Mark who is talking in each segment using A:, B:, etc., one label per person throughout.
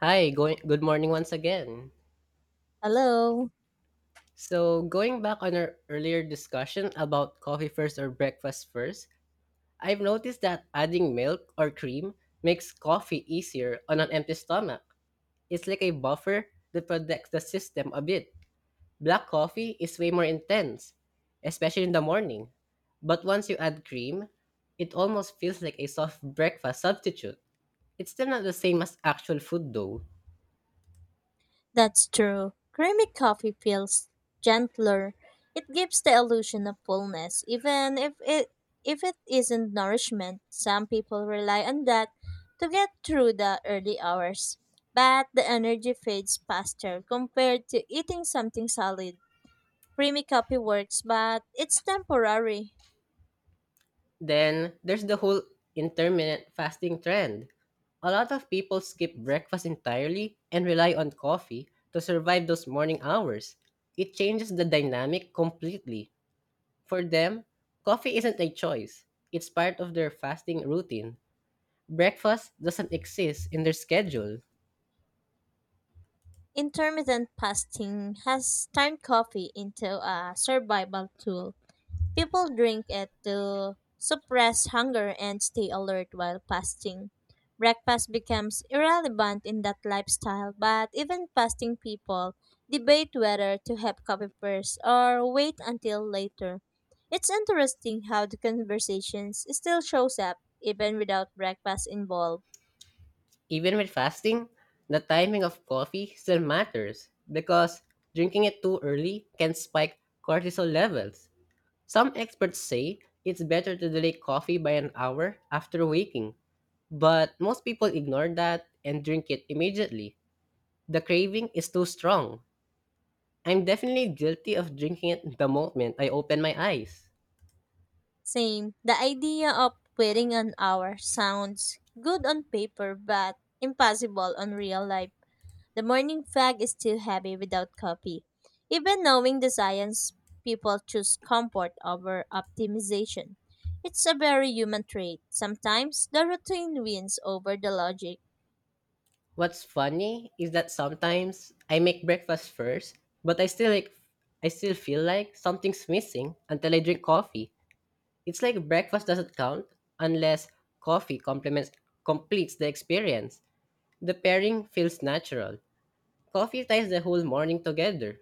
A: Hi, good morning once again.
B: Hello.
A: So, going back on our earlier discussion about coffee first or breakfast first, I've noticed that adding milk or cream makes coffee easier on an empty stomach. It's like a buffer that protects the system a bit. Black coffee is way more intense, especially in the morning. But once you add cream, it almost feels like a soft breakfast substitute. It's still not the same as actual food though.
B: That's true. Creamy coffee feels gentler. It gives the illusion of fullness, even if it isn't nourishment. Some people rely on that to get through the early hours. But the energy fades faster compared to eating something solid. Creamy coffee works, but it's temporary.
A: Then there's the whole intermittent fasting trend. A lot of people skip breakfast entirely and rely on coffee to survive those morning hours. It changes the dynamic completely. For them, coffee isn't a choice, it's part of their fasting routine. Breakfast doesn't exist in their schedule.
B: Intermittent fasting has turned coffee into a survival tool. People drink it to suppress hunger and stay alert while fasting. Breakfast becomes irrelevant in that lifestyle, but even fasting people debate whether to have coffee first or wait until later. It's interesting how the conversations still shows up even without breakfast involved.
A: Even with fasting, the timing of coffee still matters because drinking it too early can spike cortisol levels. Some experts say it's better to delay coffee by an hour after waking, but most people ignore that and drink it immediately. The craving is too strong. I'm definitely guilty of drinking it the moment I open my eyes.
B: Same, the idea of waiting an hour sounds good on paper but impossible on real life. The morning fog is too heavy without coffee. Even knowing the science, people choose comfort over optimization. It's a very human trait. Sometimes the routine wins over the logic.
A: What's funny is that sometimes I make breakfast first, but I still feel like something's missing until I drink coffee. It's like breakfast doesn't count unless coffee complements completes the experience. The pairing feels natural. Coffee ties the whole morning together.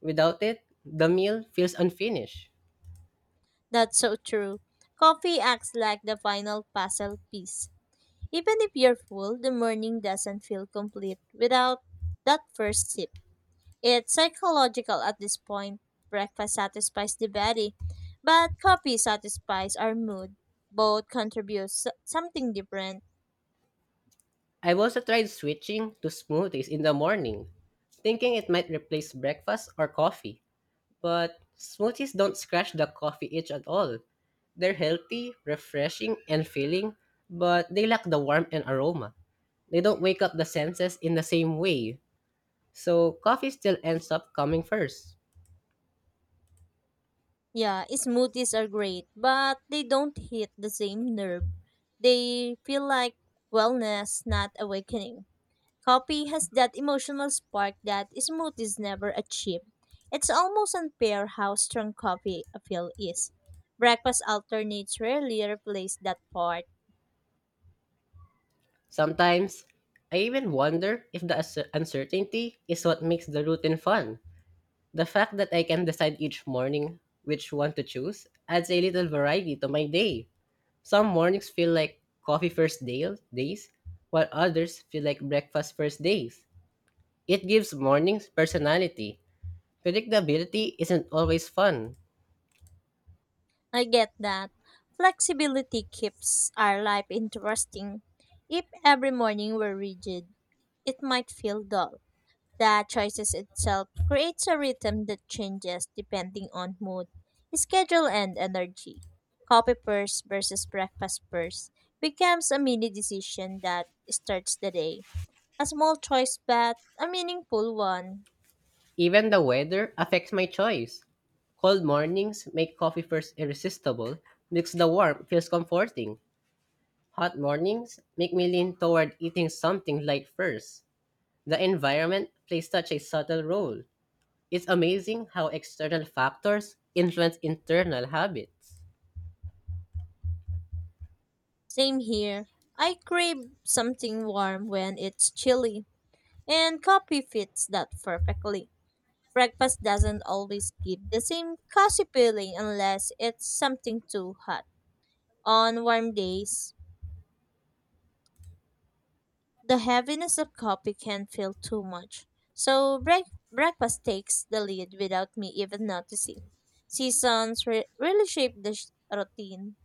A: Without it, the meal feels unfinished.
B: That's so true. Coffee acts like the final puzzle piece. Even if you're full, the morning doesn't feel complete without that first sip. It's psychological at this point. Breakfast satisfies the body, but coffee satisfies our mood. Both contribute something different.
A: I've also tried switching to smoothies in the morning, thinking it might replace breakfast or coffee. But smoothies don't scratch the coffee itch at all. They're healthy, refreshing, and filling, but they lack the warmth and aroma. They don't wake up the senses in the same way. So coffee still ends up coming first.
B: Yeah, smoothies are great, but they don't hit the same nerve. They feel like wellness, not awakening. Coffee has that emotional spark that smoothies never achieve. It's almost unfair how strong coffee appeal is. Breakfast alternates rarely replace that part.
A: Sometimes, I even wonder if the uncertainty is what makes the routine fun. The fact that I can decide each morning which one to choose adds a little variety to my day. Some mornings feel like coffee first days, while others feel like breakfast first days. It gives mornings personality. Predictability isn't always fun.
B: I get that. Flexibility keeps our life interesting. If every morning were rigid, it might feel dull. The choices itself creates a rhythm that changes depending on mood, schedule, and energy. Coffee first versus breakfast first becomes a mini decision that starts the day. A small choice, but a meaningful one.
A: Even the weather affects my choice. Cold mornings make coffee first irresistible because the warmth feels comforting. Hot mornings make me lean toward eating something light first. The environment plays such a subtle role. It's amazing how external factors influence internal habits.
B: Same here. I crave something warm when it's chilly, and coffee fits that perfectly. Breakfast doesn't always give the same cozy feeling unless it's something too hot. On warm days, the heaviness of coffee can feel too much. So breakfast takes the lead without me even noticing. Seasons really shape the routine.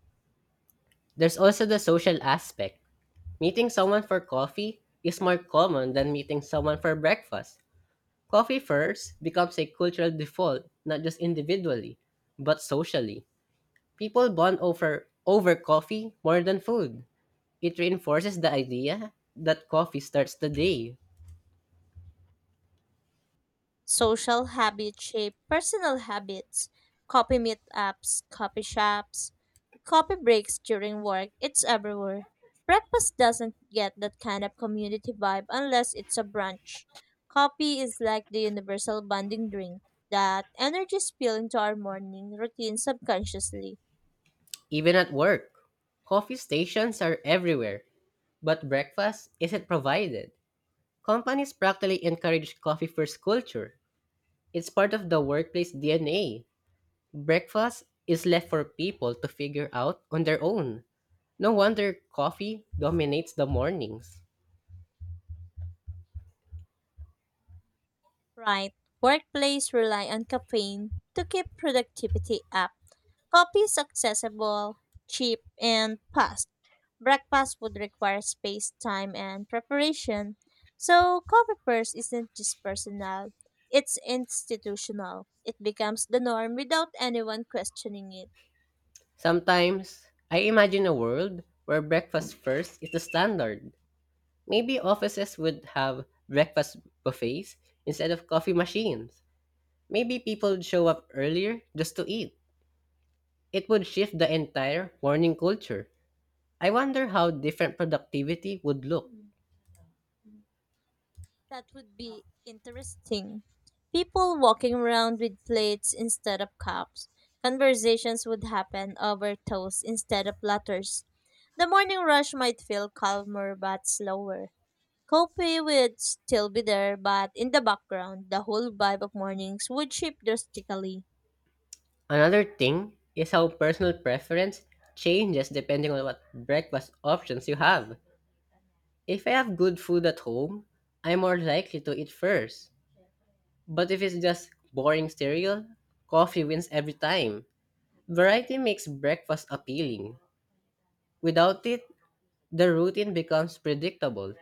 A: There's also the social aspect. Meeting someone for coffee is more common than meeting someone for breakfast. Coffee first becomes a cultural default, not just individually, but socially. People bond over coffee more than food. It reinforces the idea that coffee starts the day.
B: Social habits shape personal habits. Copy meetups, coffee shops, coffee breaks during work, it's everywhere. Breakfast doesn't get that kind of community vibe unless it's a brunch. Coffee is like the universal bonding drink that energy spill into our morning routine subconsciously.
A: Even at work, coffee stations are everywhere, but breakfast isn't provided. Companies practically encourage coffee first culture. It's part of the workplace DNA. Breakfast is left for people to figure out on their own. No wonder coffee dominates the mornings.
B: Right. Workplace rely on caffeine to keep productivity up. Coffee is accessible, cheap, and fast. Breakfast would require space, time, and preparation. So, coffee first isn't just personal, it's institutional. It becomes the norm without anyone questioning it.
A: Sometimes, I imagine a world where breakfast first is the standard. Maybe offices would have breakfast buffets instead of coffee machines. Maybe people would show up earlier just to eat. It would shift the entire morning culture. I wonder how different productivity would look.
B: That would be interesting. People walking around with plates instead of cups. Conversations would happen over toast instead of platters. The morning rush might feel calmer but slower. Coffee would still be there, but in the background, the whole vibe of mornings would shift drastically.
A: Another thing is how personal preference changes depending on what breakfast options you have. If I have good food at home, I'm more likely to eat first. But if it's just boring cereal, coffee wins every time. Variety makes breakfast appealing. Without it, the routine becomes predictable.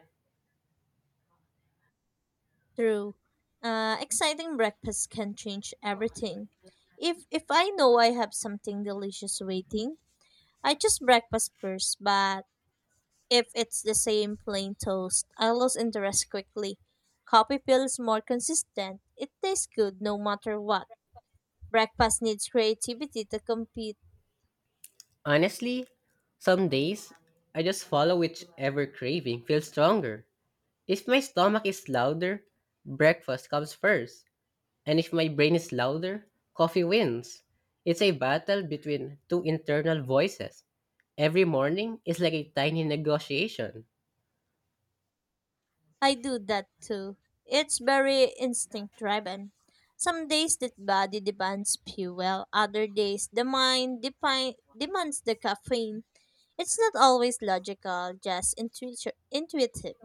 B: True. Exciting breakfast can change everything. If I know I have something delicious waiting, I choose breakfast first, but if it's the same plain toast, I lose interest quickly. Coffee feels more consistent. It tastes good no matter what. Breakfast needs creativity to compete.
A: Honestly, some days I just follow whichever craving feels stronger. If my stomach is louder, breakfast comes first. And if my brain is louder, coffee wins. It's a battle between two internal voices. Every morning is like a tiny negotiation.
B: I do that too. It's very instinct driven. Some days the body demands fuel, other days the mind demands the caffeine. It's not always logical, just intuitive.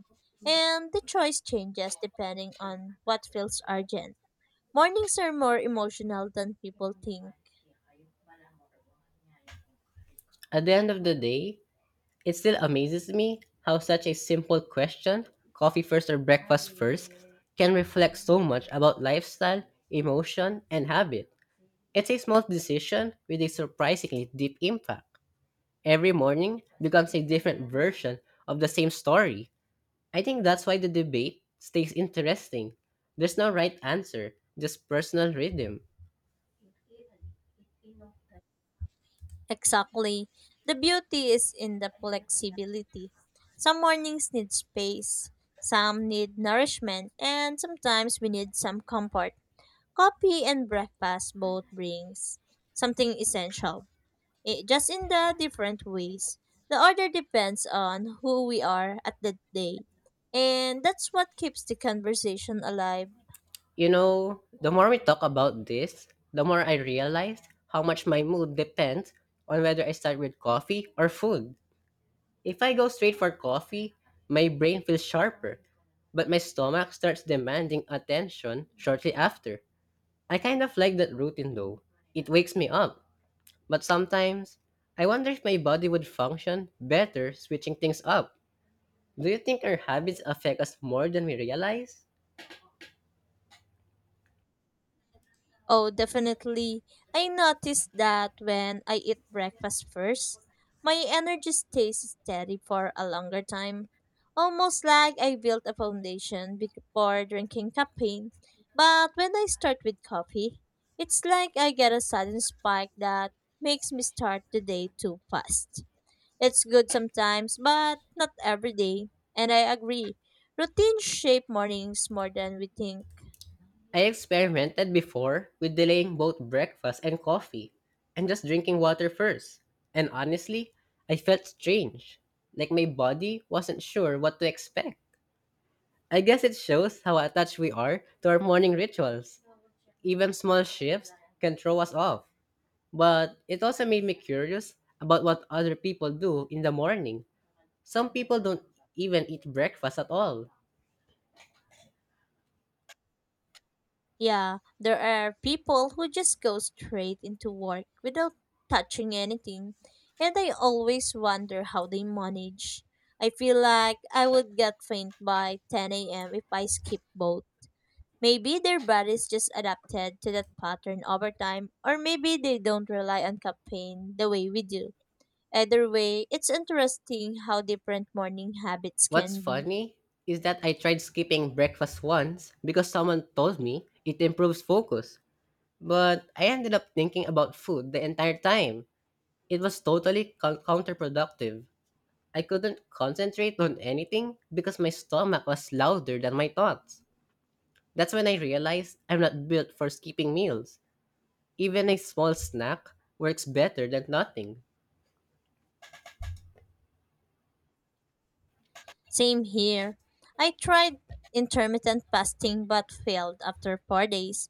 B: And the choice changes depending on what feels urgent. Mornings are more emotional than people think.
A: At the end of the day, it still amazes me how such a simple question, coffee first or breakfast first, can reflect so much about lifestyle, emotion, and habit. It's a small decision with a surprisingly deep impact. Every morning becomes a different version of the same story. I think that's why the debate stays interesting. There's no right answer, just personal rhythm.
B: Exactly. The beauty is in the flexibility. Some mornings need space, some need nourishment, and sometimes we need some comfort. Coffee and breakfast both brings something essential, just in the different ways. The order depends on who we are at that day. And that's what keeps the conversation alive.
A: You know, the more we talk about this, the more I realize how much my mood depends on whether I start with coffee or food. If I go straight for coffee, my brain feels sharper, but my stomach starts demanding attention shortly after. I kind of like that routine though. It wakes me up. But sometimes, I wonder if my body would function better switching things up. Do you think our habits affect us more than we realize?
B: Oh, definitely. I noticed that when I eat breakfast first, my energy stays steady for a longer time. Almost like I built a foundation before drinking caffeine. But when I start with coffee, it's like I get a sudden spike that makes me start the day too fast. It's good sometimes, but not every day. And I agree. Routines shape mornings more than we think.
A: I experimented before with delaying both breakfast and coffee and just drinking water first. And honestly, I felt strange. Like my body wasn't sure what to expect. I guess it shows how attached we are to our morning rituals. Even small shifts can throw us off. But it also made me curious about what other people do in the morning. Some people don't even eat breakfast at all.
B: Yeah, there are people who just go straight into work without touching anything, and I always wonder how they manage. I feel like I would get faint by 10 a.m. if I skip both. Maybe their bodies just adapted to that pattern over time, or maybe they don't rely on caffeine the way we do. Either way, it's interesting how different morning habits
A: What's
B: can be.
A: funny is that I tried skipping breakfast once because someone told me it improves focus. But I ended up thinking about food the entire time. It was totally counterproductive. I couldn't concentrate on anything because my stomach was louder than my thoughts. That's when I realized I'm not built for skipping meals. Even a small snack works better than nothing.
B: Same here. I tried intermittent fasting but failed after 4 days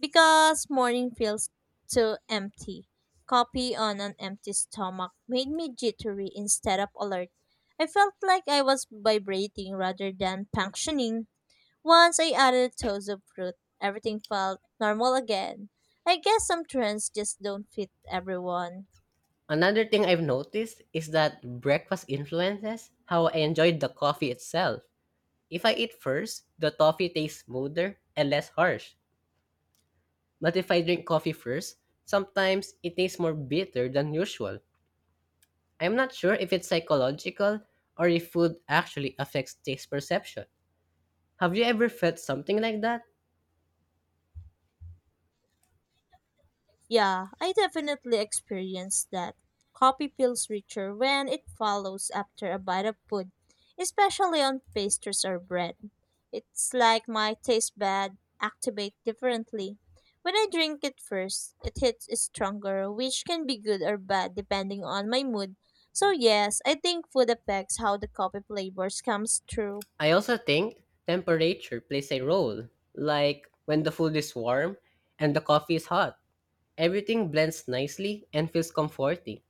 B: because morning feels too empty. Coffee on an empty stomach made me jittery instead of alert. I felt like I was vibrating rather than functioning. Once I added a toast of fruit, everything felt normal again. I guess some trends just don't fit everyone.
A: Another thing I've noticed is that breakfast influences how I enjoy the coffee itself. If I eat first, the coffee tastes smoother and less harsh. But if I drink coffee first, sometimes it tastes more bitter than usual. I'm not sure if it's psychological or if food actually affects taste perception. Have you ever felt something like that?
B: Yeah, I definitely experienced that. Coffee feels richer when it follows after a bite of food, especially on pastries or bread. It's like my taste bud activate differently. When I drink it first, it hits stronger, which can be good or bad depending on my mood. So yes, I think food affects how the coffee flavors comes through.
A: I also think temperature plays a role. Like when the food is warm and the coffee is hot, everything blends nicely and feels comforting.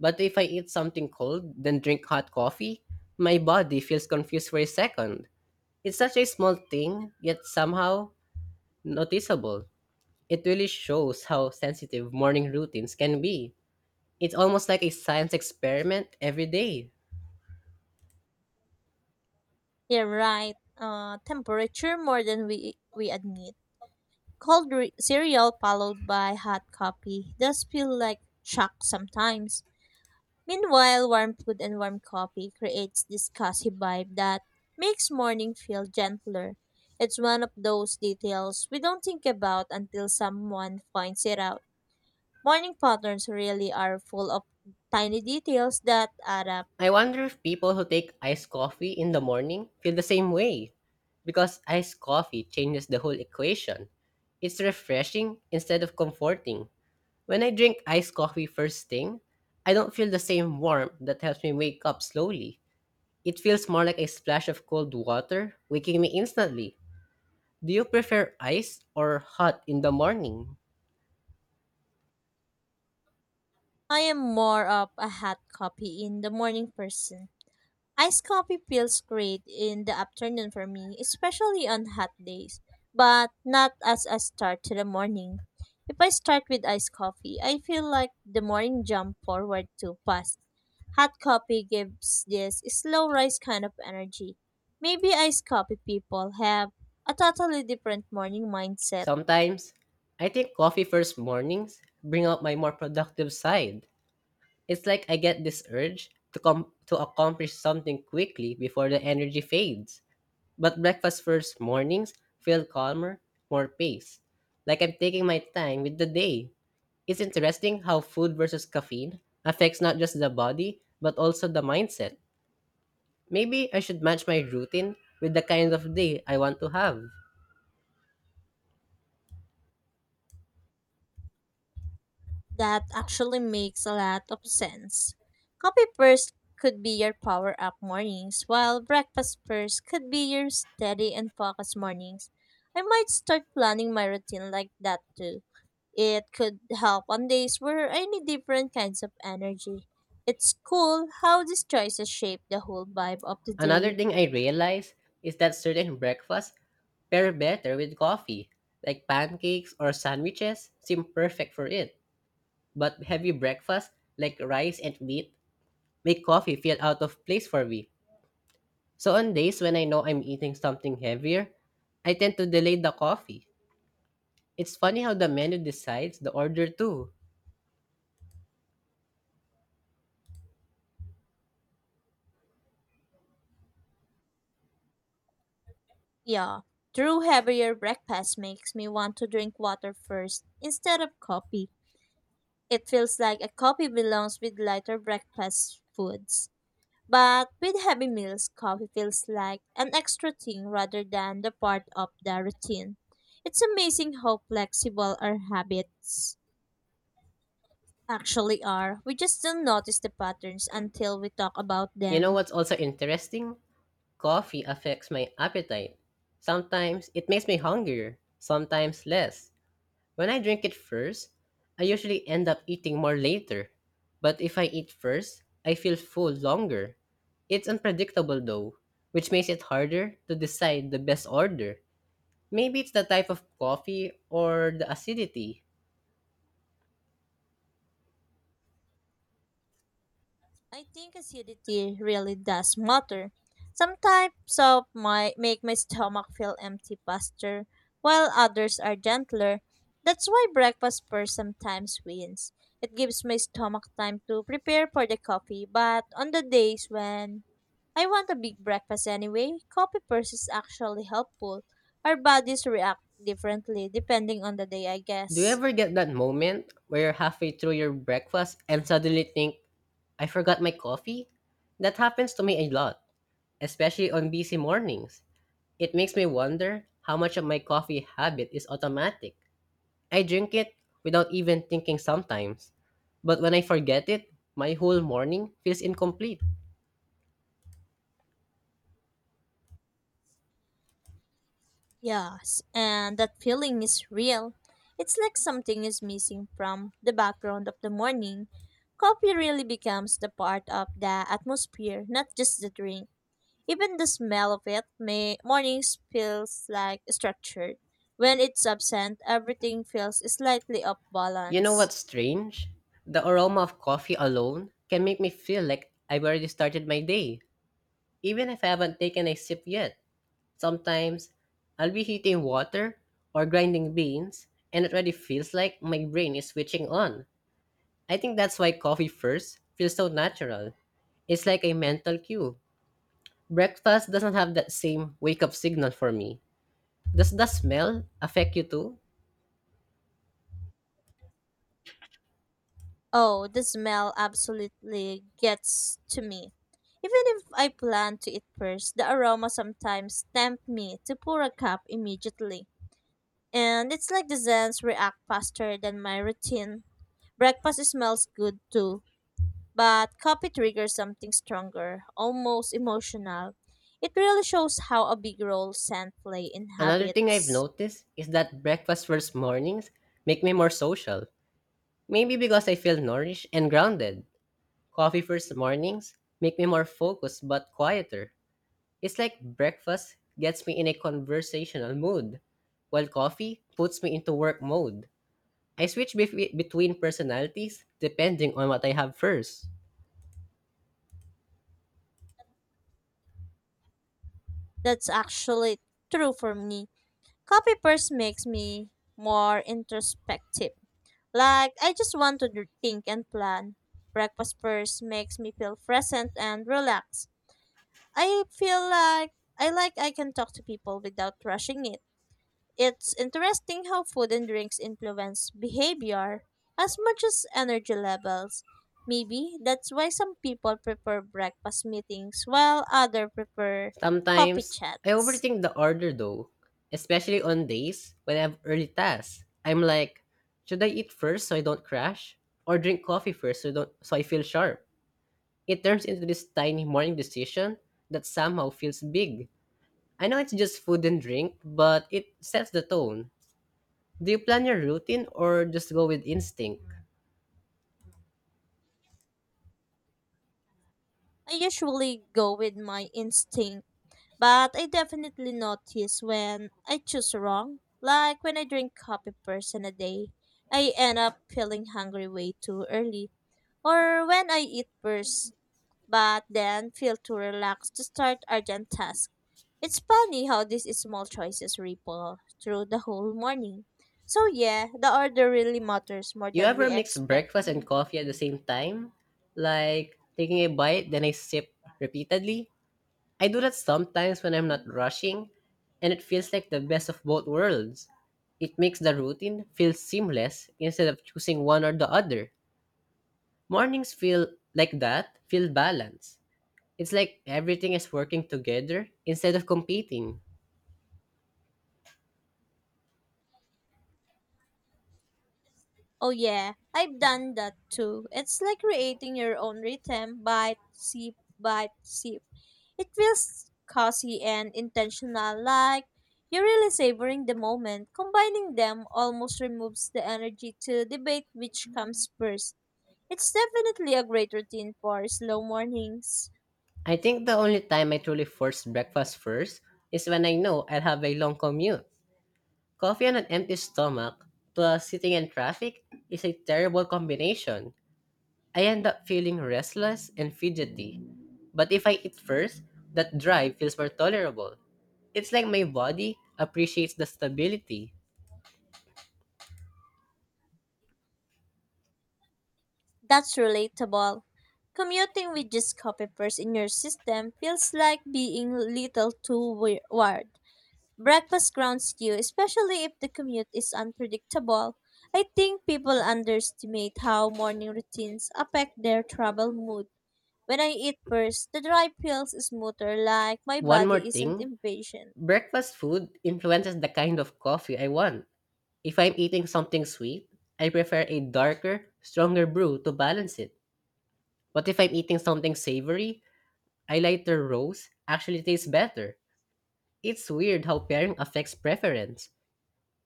A: But if I eat something cold, then drink hot coffee, my body feels confused for a second. It's such a small thing, yet somehow noticeable. It really shows how sensitive morning routines can be. It's almost like a science experiment every day.
B: Yeah, right. Temperature more than we admit. Cold cereal followed by hot coffee does feel like shock sometimes. Meanwhile, warm food and warm coffee creates this cozy vibe that makes morning feel gentler. It's one of those details we don't think about until someone points it out. Morning patterns really are full of tiny details that add up.
A: I wonder if people who take iced coffee in the morning feel the same way. Because iced coffee changes the whole equation. It's refreshing instead of comforting. When I drink iced coffee first thing, I don't feel the same warmth that helps me wake up slowly. It feels more like a splash of cold water, waking me instantly. Do you prefer ice or hot in the morning?
B: I am more of a hot coffee in the morning person. Iced coffee feels great in the afternoon for me, especially on hot days, but not as a start to the morning. If I start with iced coffee, I feel like the morning jump forward too fast. Hot coffee gives this slow rise kind of energy. Maybe iced coffee people have a totally different morning mindset.
A: Sometimes, I think coffee first mornings bring out my more productive side. It's like I get this urge to accomplish something quickly before the energy fades. But breakfast first mornings feel calmer, more paced. Like I'm taking my time with the day. It's interesting how food versus caffeine affects not just the body but also the mindset. Maybe I should match my routine with the kind of day I want to have.
B: That actually makes a lot of sense. Coffee first could be your power up mornings, while breakfast first could be your steady and focused mornings. I might start planning my routine like that too. It could help on days where I need different kinds of energy. It's cool how these choices shape the whole vibe of the
A: Another
B: day.
A: thing I realize is that certain breakfasts pair better with coffee, like pancakes or sandwiches seem perfect for it. But heavy breakfast, like rice and meat, make coffee feel out of place for me. So on days when I know I'm eating something heavier, I tend to delay the coffee. It's funny how the menu decides the order too.
B: Yeah, true heavier breakfast makes me want to drink water first instead of coffee. It feels like a coffee belongs with lighter breakfast foods. But with heavy meals, coffee feels like an extra thing rather than the part of the routine. It's amazing how flexible our habits actually are. We just don't notice the patterns until we talk about
A: You know
B: them.
A: what's also interesting? Coffee affects my appetite. Sometimes it makes me hungrier, sometimes less. When I drink it first, I usually end up eating more later. But if I eat first, I feel full longer. It's unpredictable though, which makes it harder to decide the best order. Maybe it's the type of coffee or the acidity.
B: I think acidity really does matter. Some types of my make my stomach feel empty faster, while others are gentler. That's why breakfast first sometimes wins. It gives my stomach time to prepare for the coffee, but on the days when I want a big breakfast anyway, coffee first is actually helpful. Our bodies react differently depending on the day, I
A: Do you
B: guess.
A: ever get that moment where you're halfway through your breakfast and suddenly think, I forgot my coffee? That happens to me a lot, especially on busy mornings. It makes me wonder how much of my coffee habit is automatic. I drink it without even thinking sometimes, but when I forget it, my whole morning feels incomplete.
B: Yes, and that feeling is real. It's like something is missing from the background of the morning. Coffee really becomes the part of the atmosphere, not just the drink. Even the smell of it, mornings feels like structured. When it's absent, everything feels slightly off
A: You know
B: balance.
A: what's strange? The aroma of coffee alone can make me feel like I've already started my day, even if I haven't taken a sip yet. Sometimes I'll be heating water or grinding beans, and it already feels like my brain is switching on. I think that's why coffee first feels so natural. It's like a mental cue. Breakfast doesn't have that same wake up signal for me. Does the smell affect you too?
B: Oh, the smell absolutely gets to me. Even if I plan to eat first, the aroma sometimes tempt me to pour a cup immediately. And it's like the Zens react faster than my routine. Breakfast smells good too, but coffee triggers something stronger, almost emotional. It really shows how a big role scent play in
A: Another thing I've
B: habits.
A: noticed is that breakfast first mornings make me more social. Maybe because I feel nourished and grounded. Coffee first mornings make me more focused but quieter. It's like breakfast gets me in a conversational mood, while coffee puts me into work mode. I switch between personalities depending on what I have first.
B: That's actually true for me. Coffee first makes me more introspective. Like, I just want to think and plan. Breakfast first makes me feel present and relaxed. I feel like I can talk to people without rushing it. It's interesting how food and drinks influence behavior as much as energy levels. Maybe that's why some people prefer breakfast meetings while others prefer coffee
A: Sometimes I
B: chats.
A: overthink the order though, especially on days when I have early tasks. I'm like, should I eat first so I don't crash, or drink coffee first so don't so I feel sharp? It turns into this tiny morning decision that somehow feels big. I know it's just food and drink, but it sets the tone. Do you plan your routine or just go with instinct?
B: I usually go with my instinct, but I definitely notice when I choose wrong. Like when I drink coffee person a day, I end up feeling hungry way too early or when I eat first, but then feel too relaxed to start urgent tasks. It's funny how these small choices ripple through the whole morning. So yeah, the order really matters more
A: You
B: than
A: ever
B: we
A: mix
B: expect.
A: breakfast and coffee at the same time? Like taking a bite, then I sip repeatedly? I do that sometimes when I'm not rushing, and it feels like the best of both worlds. It makes the routine feel seamless instead of choosing one or the other. Mornings feel like that, feel balanced. It's like everything is working together instead of competing.
B: Oh yeah, I've done that too. It's like creating your own rhythm bite, sip, bite, sip. It feels cozy and intentional, like you're really savoring the moment. Combining them almost removes the energy to debate which comes first. It's definitely a great routine for slow mornings.
A: I think the only time I truly force breakfast first is when I know I'll have a long commute. Coffee on an empty stomach plus sitting in traffic is a terrible combination. I end up feeling restless and fidgety. But if I eat first, that drive feels more tolerable. It's like my body appreciates the stability.
B: That's relatable. Commuting with just coffee first in your system feels like being little too wired. Breakfast grounds you, especially if the commute is unpredictable. I think people underestimate how morning routines affect their travel mood. When I eat first, the drive feels smoother, like my
A: One more
B: body isn't
A: thing,
B: impatient.
A: breakfast food influences the kind of coffee I want. If I'm eating something sweet, I prefer a darker, stronger brew to balance it. But if I'm eating something savory, a lighter roast actually tastes better. It's weird how pairing affects preference.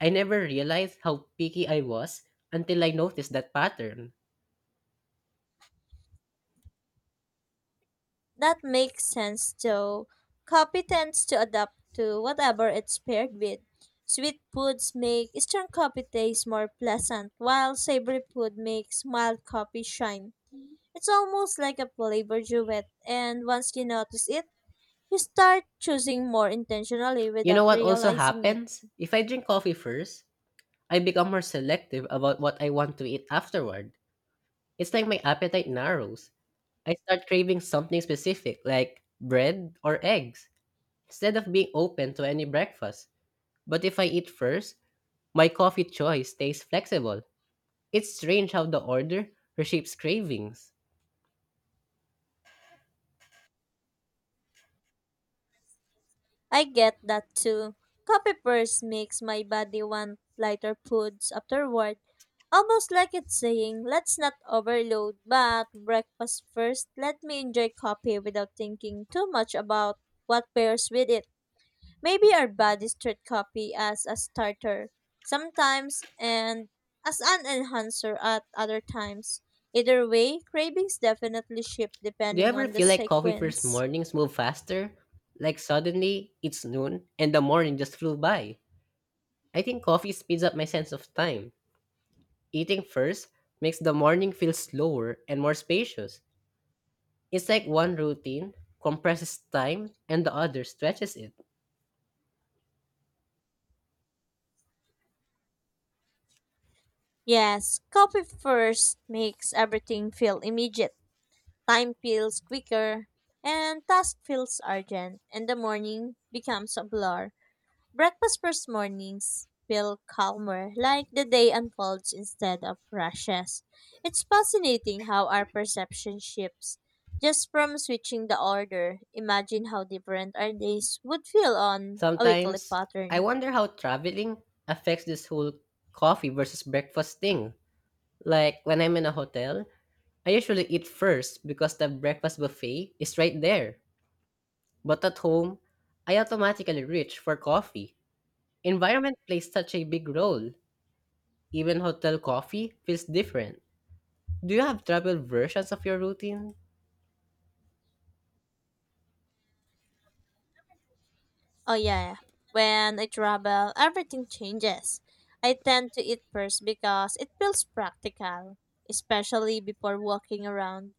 A: I never realized how picky I was until I noticed that pattern.
B: That makes sense though. Coffee tends to adapt to whatever it's paired with. Sweet foods make strong coffee taste more pleasant, while savory food makes mild coffee shine. It's almost like a flavor duet, and once you notice it, you start choosing more intentionally
A: You know
B: without
A: what also
B: realizing it.
A: happens? If I drink coffee first, I become more selective about what I want to eat afterward. It's like my appetite narrows. I start craving something specific, like bread or eggs, instead of being open to any breakfast. But if I eat first, my coffee choice stays flexible. It's strange how the order reshapes cravings.
B: I get that too. Coffee first makes my body want lighter foods afterward, almost like it's saying, let's not overload, but breakfast first. Let me enjoy coffee without thinking too much about what pairs with it. Maybe our bodies treat coffee as a starter sometimes and as an enhancer at other times. Either way, cravings definitely shift
A: Do you
B: depending
A: ever
B: on the
A: feel like coffee first
B: sequence.
A: mornings move faster? Like suddenly it's noon and the morning just flew by. I think coffee speeds up my sense of time. Eating first makes the morning feel slower and more spacious. It's like one routine compresses time and the other stretches it.
B: Yes, coffee first makes everything feel immediate. Time feels quicker, and task feels urgent, and the morning becomes a blur. Breakfast first mornings feel calmer, like the day unfolds instead of rushes. It's fascinating how our perception shifts. Just from switching the order, imagine how different our days would feel on a weekly
A: Sometimes I
B: pattern.
A: wonder how traveling affects this whole coffee versus breakfast thing. Like when I'm in a hotel, I usually eat first because the breakfast buffet is right there. But at home, I automatically reach for coffee. Environment plays such a big role. Even hotel coffee feels different. Do you have travel versions of your routine?
B: Oh yeah, when I travel, everything changes. I tend to eat first because it feels practical, especially before walking around.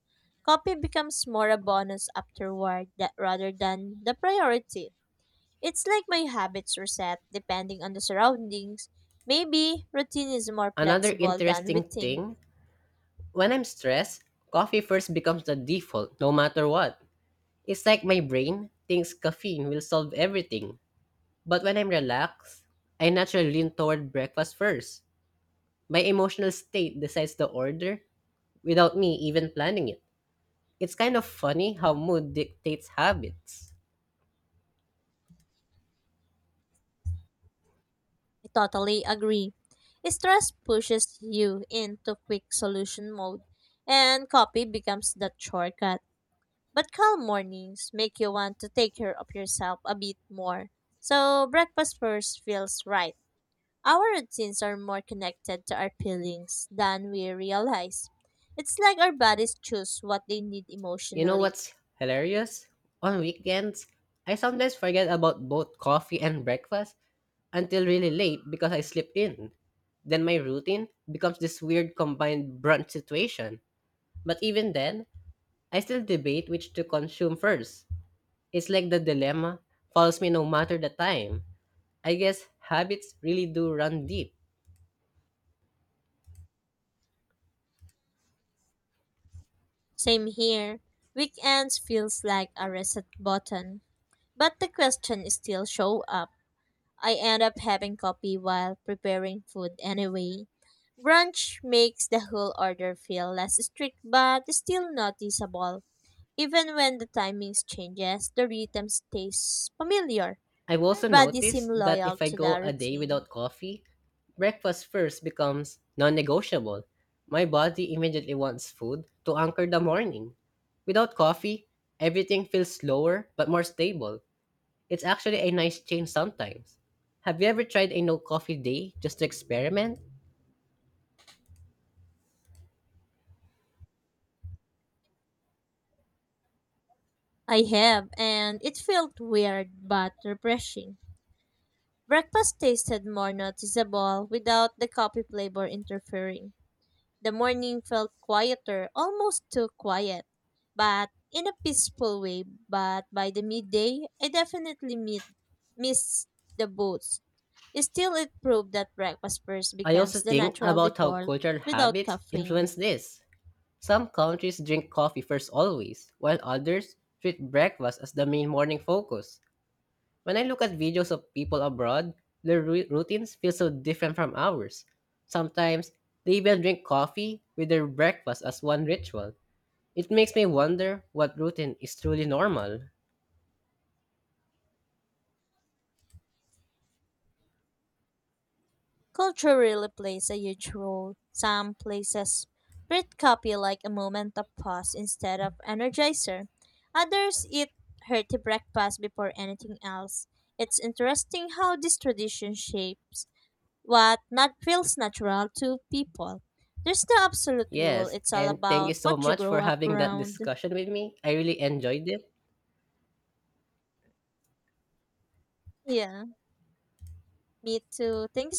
B: Coffee becomes more a bonus afterward that rather than the priority. It's like my habits reset depending on the surroundings. Maybe routine is more
A: Another
B: flexible than we
A: interesting
B: think.
A: thing, when I'm stressed, coffee first becomes the default no matter what. It's like my brain thinks caffeine will solve everything. But when I'm relaxed, I naturally lean toward breakfast first. My emotional state decides the order without me even planning it. It's kind of funny how mood dictates habits.
B: I totally agree. Stress pushes you into quick solution mode, and coffee becomes that shortcut. But calm mornings make you want to take care of yourself a bit more. So breakfast first feels right. Our routines are more connected to our feelings than we realize. It's like our bodies choose what they need
A: You know
B: emotionally.
A: what's hilarious? On weekends, I sometimes forget about both coffee and breakfast until really late because I slip in. Then my routine becomes this weird combined brunch situation. But even then, I still debate which to consume first. It's like the dilemma follows me no matter the time. I guess habits really do run deep.
B: Same here. Weekends feels like a reset button. But the question is still show up. I end up having coffee while preparing food anyway. Brunch makes the whole order feel less strict but still noticeable. Even when the timings changes, the rhythm stays familiar.
A: I've
B: Our
A: also
B: bodies seem
A: noticed that
B: loyal
A: if I
B: to
A: go
B: the
A: a day
B: routine.
A: without coffee, breakfast first becomes non negotiable. My body immediately wants food to anchor the morning. Without coffee, everything feels slower but more stable. It's actually a nice change sometimes. Have you ever tried a no coffee day just to experiment?
B: I have, and it felt weird but refreshing. Breakfast tasted more noticeable without the coffee flavor interfering. The morning felt quieter, almost too quiet, but in a peaceful way. But by the midday, I definitely missed the boots. Still, it proved that breakfast first
A: I also
B: becomes the
A: think
B: natural
A: about how
B: default
A: cultural
B: without
A: habits
B: caffeine.
A: influence this. Some countries drink coffee first always, while others treat breakfast as the main morning focus. When I look at videos of people abroad, their routines feel so different from ours. Sometimes, they even drink coffee with their breakfast as one ritual. It makes me wonder what routine is truly normal.
B: Culture really plays a huge role. Some places breed coffee like a moment of pause instead of energizer. Others eat hearty breakfast before anything else. It's interesting how this tradition shapes what not feels natural to people. There's no absolute rule.
A: Yes,
B: It's all
A: and thank you
B: about
A: so
B: what you
A: much for
B: grow up
A: having that
B: around.
A: discussion with me. I really enjoyed it.
B: Yeah, me too. Thank you